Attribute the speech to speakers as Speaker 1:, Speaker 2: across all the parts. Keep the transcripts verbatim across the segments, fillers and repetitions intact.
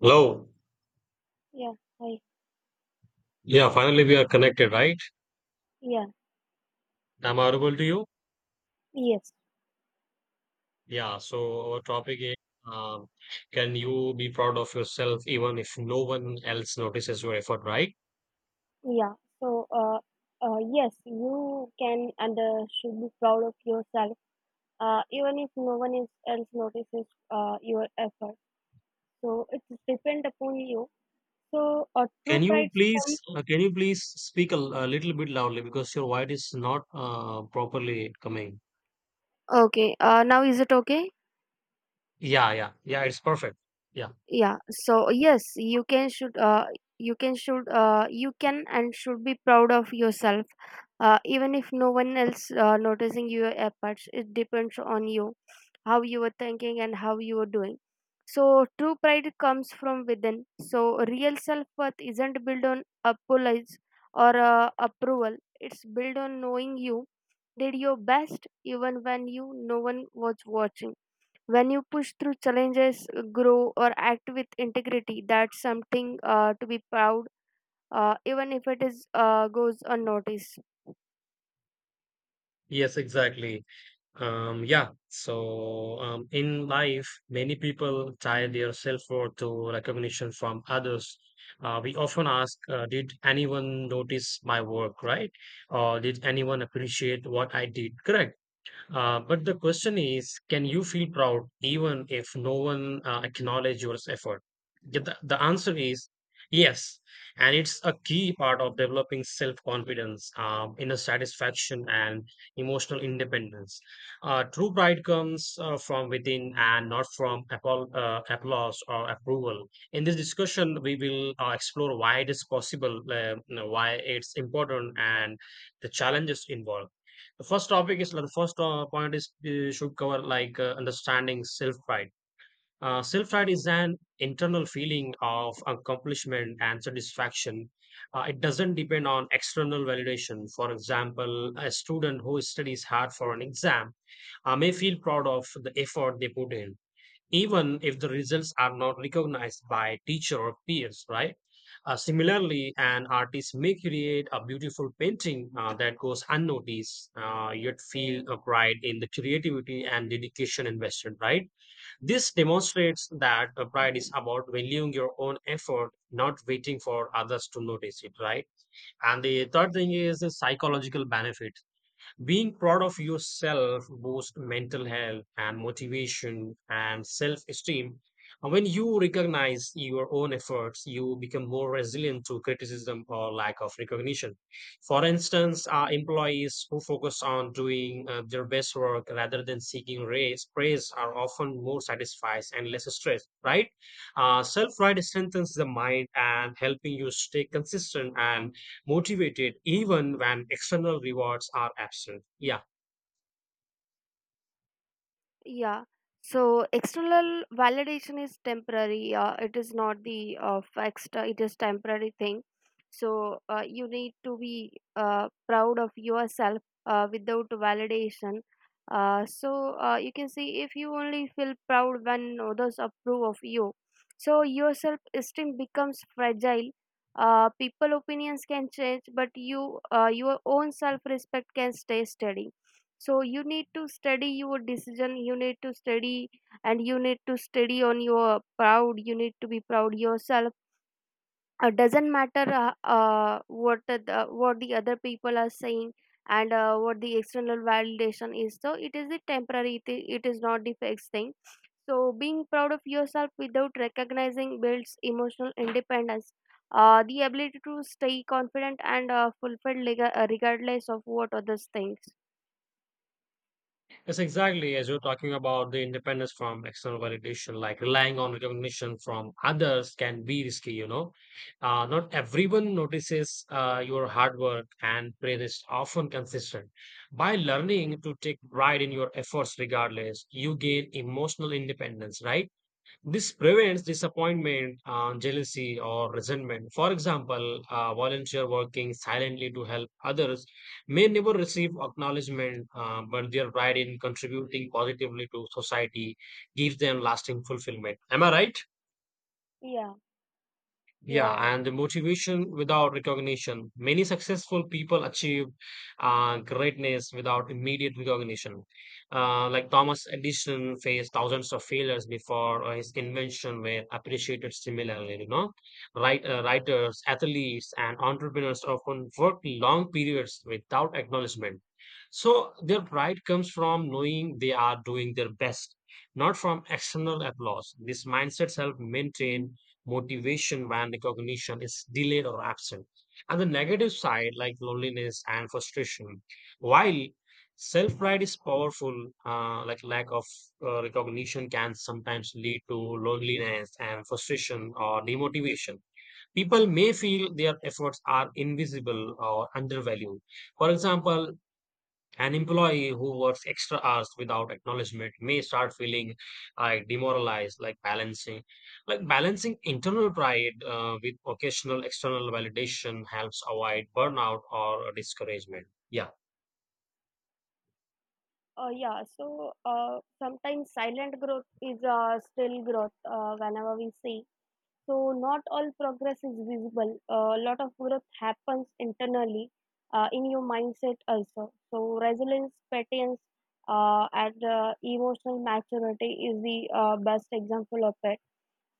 Speaker 1: Hello.
Speaker 2: Yeah, I,
Speaker 1: Yeah, finally we are connected, right?
Speaker 2: yeah,
Speaker 1: I'm audible to you?
Speaker 2: yes,
Speaker 1: Yeah, so our topic is um, can you be proud of yourself even if no one else notices your effort, right?
Speaker 2: yeah. So, uh, uh, yes, you can and uh, should be proud of yourself, uh, even if no one is, else notices uh, your effort. So, it's depend upon you. So, uh, true
Speaker 1: Can you
Speaker 2: pride
Speaker 1: please
Speaker 2: comes.
Speaker 1: uh, can you please speak a, l- a little bit loudly because your voice is not uh, properly coming.
Speaker 2: Okay, uh, now is it okay?
Speaker 1: Yeah, yeah. Yeah, it's perfect. Yeah.
Speaker 2: Yeah, so yes, you can should uh, you can should uh, you can and should be proud of yourself, uh, even if no one else uh, noticing your efforts. It depends on you, how you are thinking and how you are doing. So true pride comes from within. So real self worth isn't built on apologies or uh, approval. It's built on knowing you did your best even when you no one was watching. When you push through challenges, grow or act with integrity, that's something uh, to be proud, uh, even if it is uh, goes unnoticed.
Speaker 1: Yes, exactly. Um, yeah. So, um, in life, many people tie their self-worth to recognition from others. Uh, we often ask, uh, did anyone notice my work, right? Or did anyone appreciate what I did? Correct. Uh, but the question is, can you feel proud even if no one uh, acknowledge your effort? The, the the answer is yes, and it's a key part of developing self-confidence, um, inner satisfaction, and emotional independence. Uh, true pride comes uh, from within and not from appall- uh, applause or approval. In this discussion, we will uh, explore why it is possible, uh, you know, why it's important, and the challenges involved. The first topic is like the first uh, point is uh, should cover like uh, understanding self pride. Uh, self pride is an internal feeling of accomplishment and satisfaction. Uh, it doesn't depend on external validation. For example, a student who studies hard for an exam uh, may feel proud of the effort they put in even if the results are not recognized by teacher or peers, right? Uh, similarly, an artist may create a beautiful painting uh, that goes unnoticed, uh, yet feel a pride in the creativity and dedication invested, right? This demonstrates that the pride is about valuing your own effort, not waiting for others to notice it, right? And the third thing is the psychological benefit. Being proud of yourself boosts mental health and motivation and self esteem. And when you recognize your own efforts, you become more resilient to criticism or lack of recognition. For instance, uh, employees who focus on doing uh, their best work rather than seeking raise, praise are often more satisfied and less stressed, right? Uh, Self pride strengthens the mind and helping you stay consistent and motivated even when external rewards are absent. Yeah,
Speaker 2: Yeah. So external validation is temporary. Uh, it is not the uh, fixed. uh, It is temporary thing. So uh, you need to be uh, proud of yourself uh, without validation. Uh, so uh, you can see, if you only feel proud when others approve of you, so your self-esteem becomes fragile. Uh, people opinions can change, but you uh, your own self-respect can stay steady. So you need to study your decision, you need to study, and you need to study on your proud. You need to be proud yourself. It doesn't matter uh, uh, what the the- what the other people are saying, and uh, what the external validation is. So it is the temporary, it i- it is not the fixed thing. So being proud of yourself without recognizing builds emotional independence, uh, the ability to stay confident and uh, fulfilled, lega- uh, regardless of what others think.
Speaker 1: that's exactly as you're talking about the independence from external validation, like relying on recognition from others can be risky, you know. Uh, not everyone notices uh, your hard work, and praise is often consistent. By learning to take pride in your efforts regardless, you gain emotional independence, right? This prevents disappointment, uh, jealousy, or resentment. For example, a volunteer working silently to help others may never receive acknowledgement, uh, but their pride in contributing positively to society gives them lasting fulfillment. Am I right?
Speaker 2: Yeah, you
Speaker 1: Yeah,
Speaker 2: are right.
Speaker 1: and the motivation without recognition. Many successful people achieved uh, greatness without immediate recognition. Uh, like Thomas Edison faced thousands of failures before uh, his invention were appreciated similarly. You know, right? Uh, writers, athletes, and entrepreneurs often work long periods without acknowledgement. So their pride comes from knowing they are doing their best, not from external applause. These mindsets help maintain motivation when recognition is delayed or absent. And the negative side, like loneliness and frustration, while self pride is powerful, uh, like lack of uh, recognition can sometimes lead to loneliness and frustration or demotivation. People may feel their efforts are invisible or undervalued. For example, an employee who works extra hours without acknowledgement may start feeling like demoralized, like balancing, like balancing internal pride uh, with occasional external validation helps avoid burnout or discouragement. Yeah.
Speaker 2: Uh, yeah, so uh, sometimes silent growth is uh, still growth, uh, whenever we see. So not all progress is visible. A lot of growth happens internally, uh, in your mindset also. So resilience, patience, uh, and uh, emotional maturity is the uh, best example of it.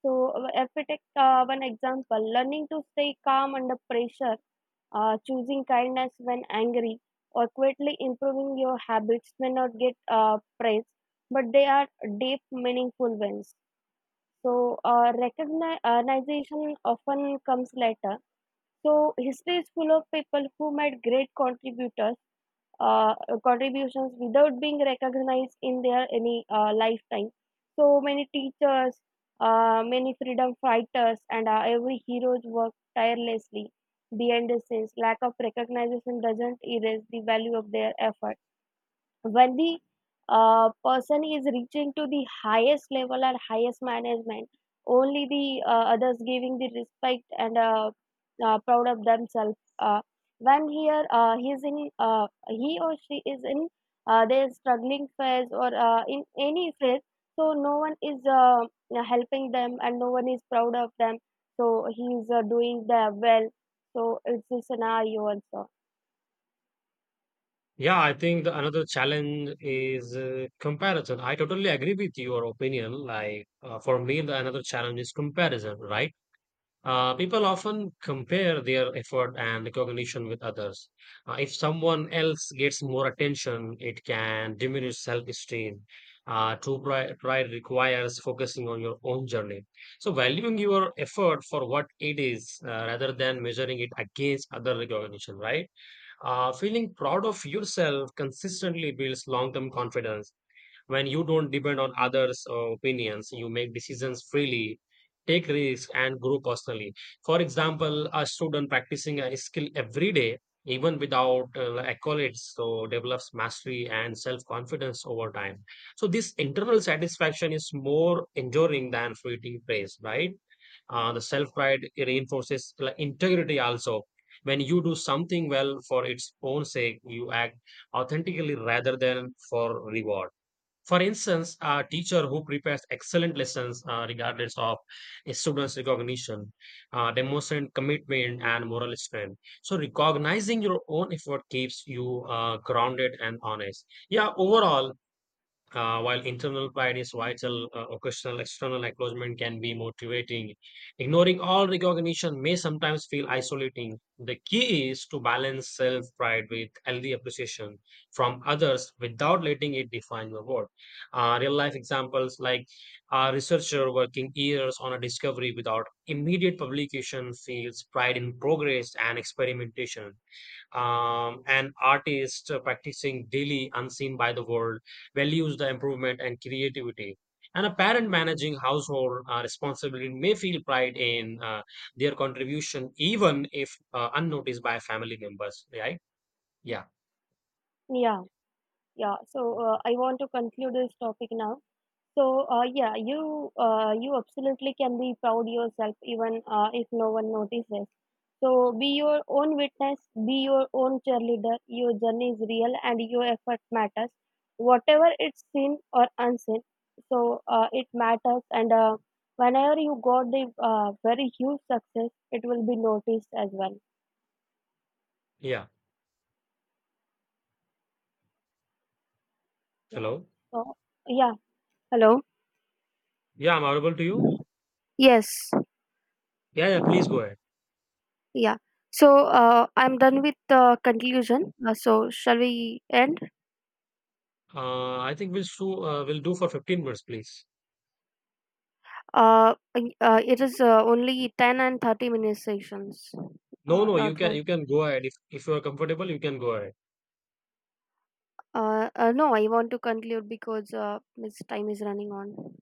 Speaker 2: So, uh, if we take uh, one example, learning to stay calm under pressure, uh, choosing kindness when angry, or quietly improving your habits may not get uh, praise, but they are deep, meaningful wins. So, uh, recognition often comes later. So, history is full of people who made great contributors uh, contributions without being recognized in their any uh, lifetime. So many teachers, uh, many freedom fighters, and uh, every heroes work tirelessly behind the scenes. Lack of recognition doesn't erase the value of their effort. When the uh, person is reaching to the highest level and highest management, only the uh, others giving the respect and uh, uh, proud of themselves. Uh, when here uh, he is in uh, he or she is in uh, their struggling phase or uh, in any phase, so no one is uh, helping them, and no one is proud of them. So he is uh, doing the well. So it's a scenario also.
Speaker 1: Yeah, I think the another challenge is uh, comparison. I totally agree with your opinion. Like uh, for me, the another challenge is comparison, right? Uh, people often compare their effort and recognition with others. Uh, if someone else gets more attention, it can diminish self esteem. Uh, true pri- pride requires focusing on your own journey. So, valuing your effort for what it is uh, rather than measuring it against other recognition, right? Uh, feeling proud of yourself consistently builds long term confidence. When you don't depend on others' uh, opinions, you make decisions freely, take risks, and grow personally. For example, a student practicing a skill every day, even without uh, like, accolades, so develops mastery and self confidence over time. So, this internal satisfaction is more enduring than fleeting praise, right? Uh, the self pride reinforces like, integrity also. When you do something well for its own sake, you act authentically rather than for reward. For instance, a teacher who prepares excellent lessons uh, regardless of a student's recognition uh, demonstrates commitment and moral strength. So, recognizing your own effort keeps you uh, grounded and honest. Yeah, overall, uh, while internal pride is vital, uh, occasional external acknowledgement can be motivating. Ignoring all recognition may sometimes feel isolating. The key is to balance self pride with healthy appreciation from others without letting it define your worth. Uh, real life examples like a researcher working years on a discovery without immediate publication feels pride in progress and experimentation. Um, an artist practicing daily unseen by the world values the improvement and creativity, and a parent managing household uh, responsibility may feel pride in uh, their contribution even if uh, unnoticed by family members, right? Yeah.
Speaker 2: Yeah. Yeah, so uh, I want to conclude this topic now. So uh, yeah, you uh, you absolutely can be proud yourself, even uh, if no one notices. So be your own witness, be your own cheerleader. Your journey is real and your effort matters, whatever it's seen or unseen. So uh, it matters, and uh, whenever you got the uh, very huge success, it will be noticed as well.
Speaker 1: Yeah.
Speaker 2: Yeah.
Speaker 1: Hello.
Speaker 2: So yeah. Hello.
Speaker 1: Yeah, I'm audible to you.
Speaker 2: Yes.
Speaker 1: Yeah, yeah, please go ahead.
Speaker 2: Yeah. So uh, I'm done with the conclusion. Uh, so shall we end?
Speaker 1: Uh, i think we'll do uh, we'll do for fifteen minutes, please.
Speaker 2: Uh, uh, it is uh, only ten and thirty minute sessions.
Speaker 1: No,
Speaker 2: Uh,
Speaker 1: no,
Speaker 2: not
Speaker 1: you can,
Speaker 2: more.
Speaker 1: you can go ahead. if if you are comfortable, you can go ahead.
Speaker 2: Uh, uh, no, I want to conclude because uh, this time is running on.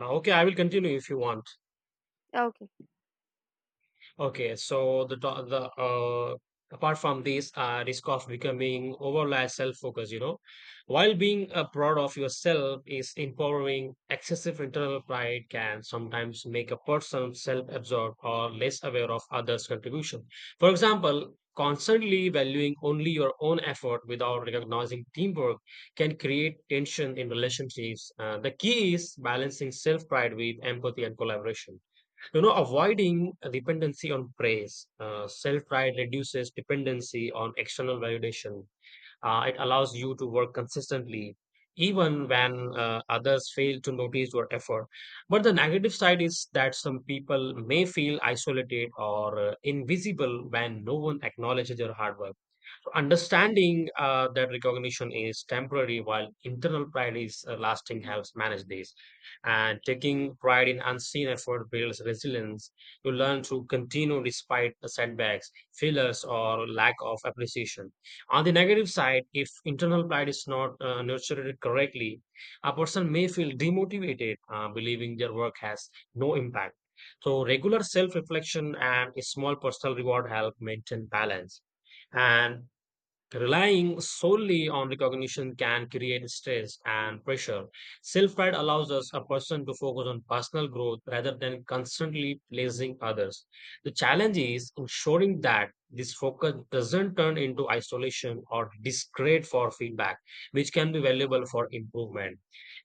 Speaker 1: Uh, okay, I will continue if you want.
Speaker 2: Okay.
Speaker 1: Okay, so the to- the uh, apart from this uh, risk of becoming overly self-focused, you know, while being uh, proud of yourself is empowering, excessive internal pride can sometimes make a person self-absorbed or less aware of others' contribution. For example, constantly valuing only your own effort without recognizing teamwork can create tension in relationships. Uh, the key is balancing self-pride with empathy and collaboration. You know, avoiding dependency on praise. Uh, Self pride reduces dependency on external validation. Uh, it allows you to work consistently, even when uh, others fail to notice your effort. But the negative side is that some people may feel isolated or uh, invisible when no one acknowledges your hard work. Understanding uh, that recognition is temporary while internal pride is uh, lasting helps manage this. And taking pride in unseen effort builds resilience. You learn to continue despite the setbacks, failures, or lack of appreciation. On the negative side, if internal pride is not uh, nurtured correctly, a person may feel demotivated, uh, believing their work has no impact. So, regular self reflection and a small personal reward help maintain balance. And relying solely on recognition can create stress and pressure. Self pride allows us a person to focus on personal growth rather than constantly pleasing others. The challenge is ensuring that this focus doesn't turn into isolation or discredit for feedback, which can be valuable for improvement.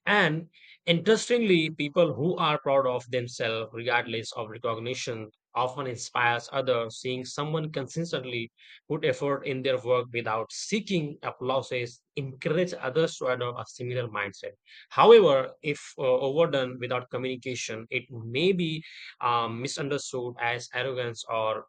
Speaker 1: And interestingly, people who are proud of themselves, regardless of recognition, often inspires others. Seeing someone consistently put effort in their work without seeking applauses encourage others to adopt a similar mindset. However, if uh, overdone without communication, it may be um, misunderstood as arrogance or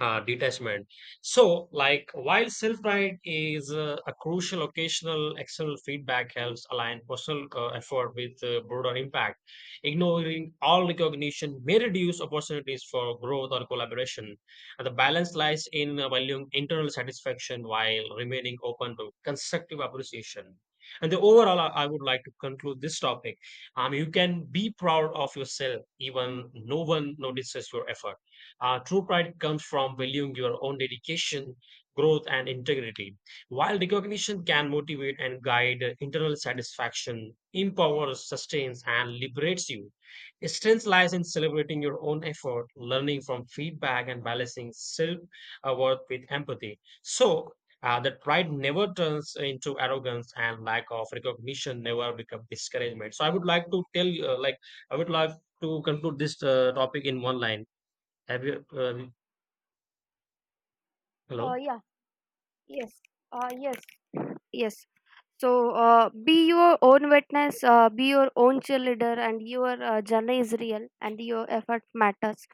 Speaker 1: uh, detachment. So, like, while self guide is uh, a crucial occasional external feedback helps align personal uh, effort with uh, broader impact, ignoring all recognition may reduce opportunities for growth or collaboration. And the balance lies in uh, valuing internal satisfaction while remaining open to constructive appreciation. And the overall, I I would like to conclude this topic. Um, you can be proud of yourself, even no one notices your effort. Uh, true pride comes from valuing your own dedication, growth, and integrity. While recognition can motivate and guide internal satisfaction, empowers, sustains, and liberates you, strength lies in celebrating your own effort, learning from feedback, and balancing self worth with empathy. So, uh, that pride never turns into arrogance and lack of recognition never becomes discouragement. So I would like to tell you, uh, like I would like to conclude this uh, topic in one line. have you, um,
Speaker 2: Uh,
Speaker 1: hello?
Speaker 2: yeah. Yes. Uh, yes. Yes. So uh, be your own witness, uh, be your own cheerleader, and your uh, journey is real, and your effort matters,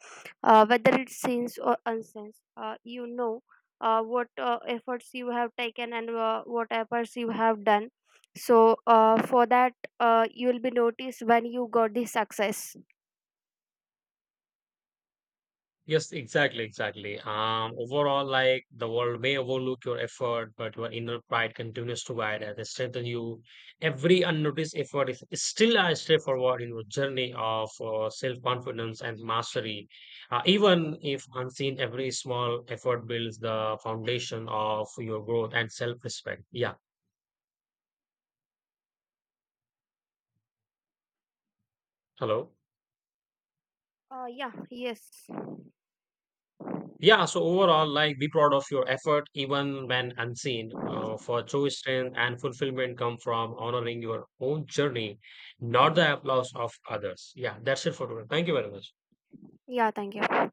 Speaker 2: uh, whether it's sense or unsense. Uh, you know uh, what uh, efforts you have taken, and uh, what efforts you have done. So uh, for that, uh, you will be noticed when you got the success.
Speaker 1: Yes, exactly, exactly. Um, overall, like the world may overlook your effort, but your inner pride continues to guide and strengthen you. Every unnoticed effort is still a step forward in your journey of uh, self-confidence and mastery. Uh, even if unseen, every small effort builds the foundation of your growth and self-respect. Yeah. Hello.
Speaker 2: Uh, yeah. Yes.
Speaker 1: Yeah, so overall, like be proud of your effort even when unseen. Uh, for true strength and fulfillment come from honoring your own journey, not the applause of others. Yeah, that's it for today. Thank you very much.
Speaker 2: Yeah. Thank you.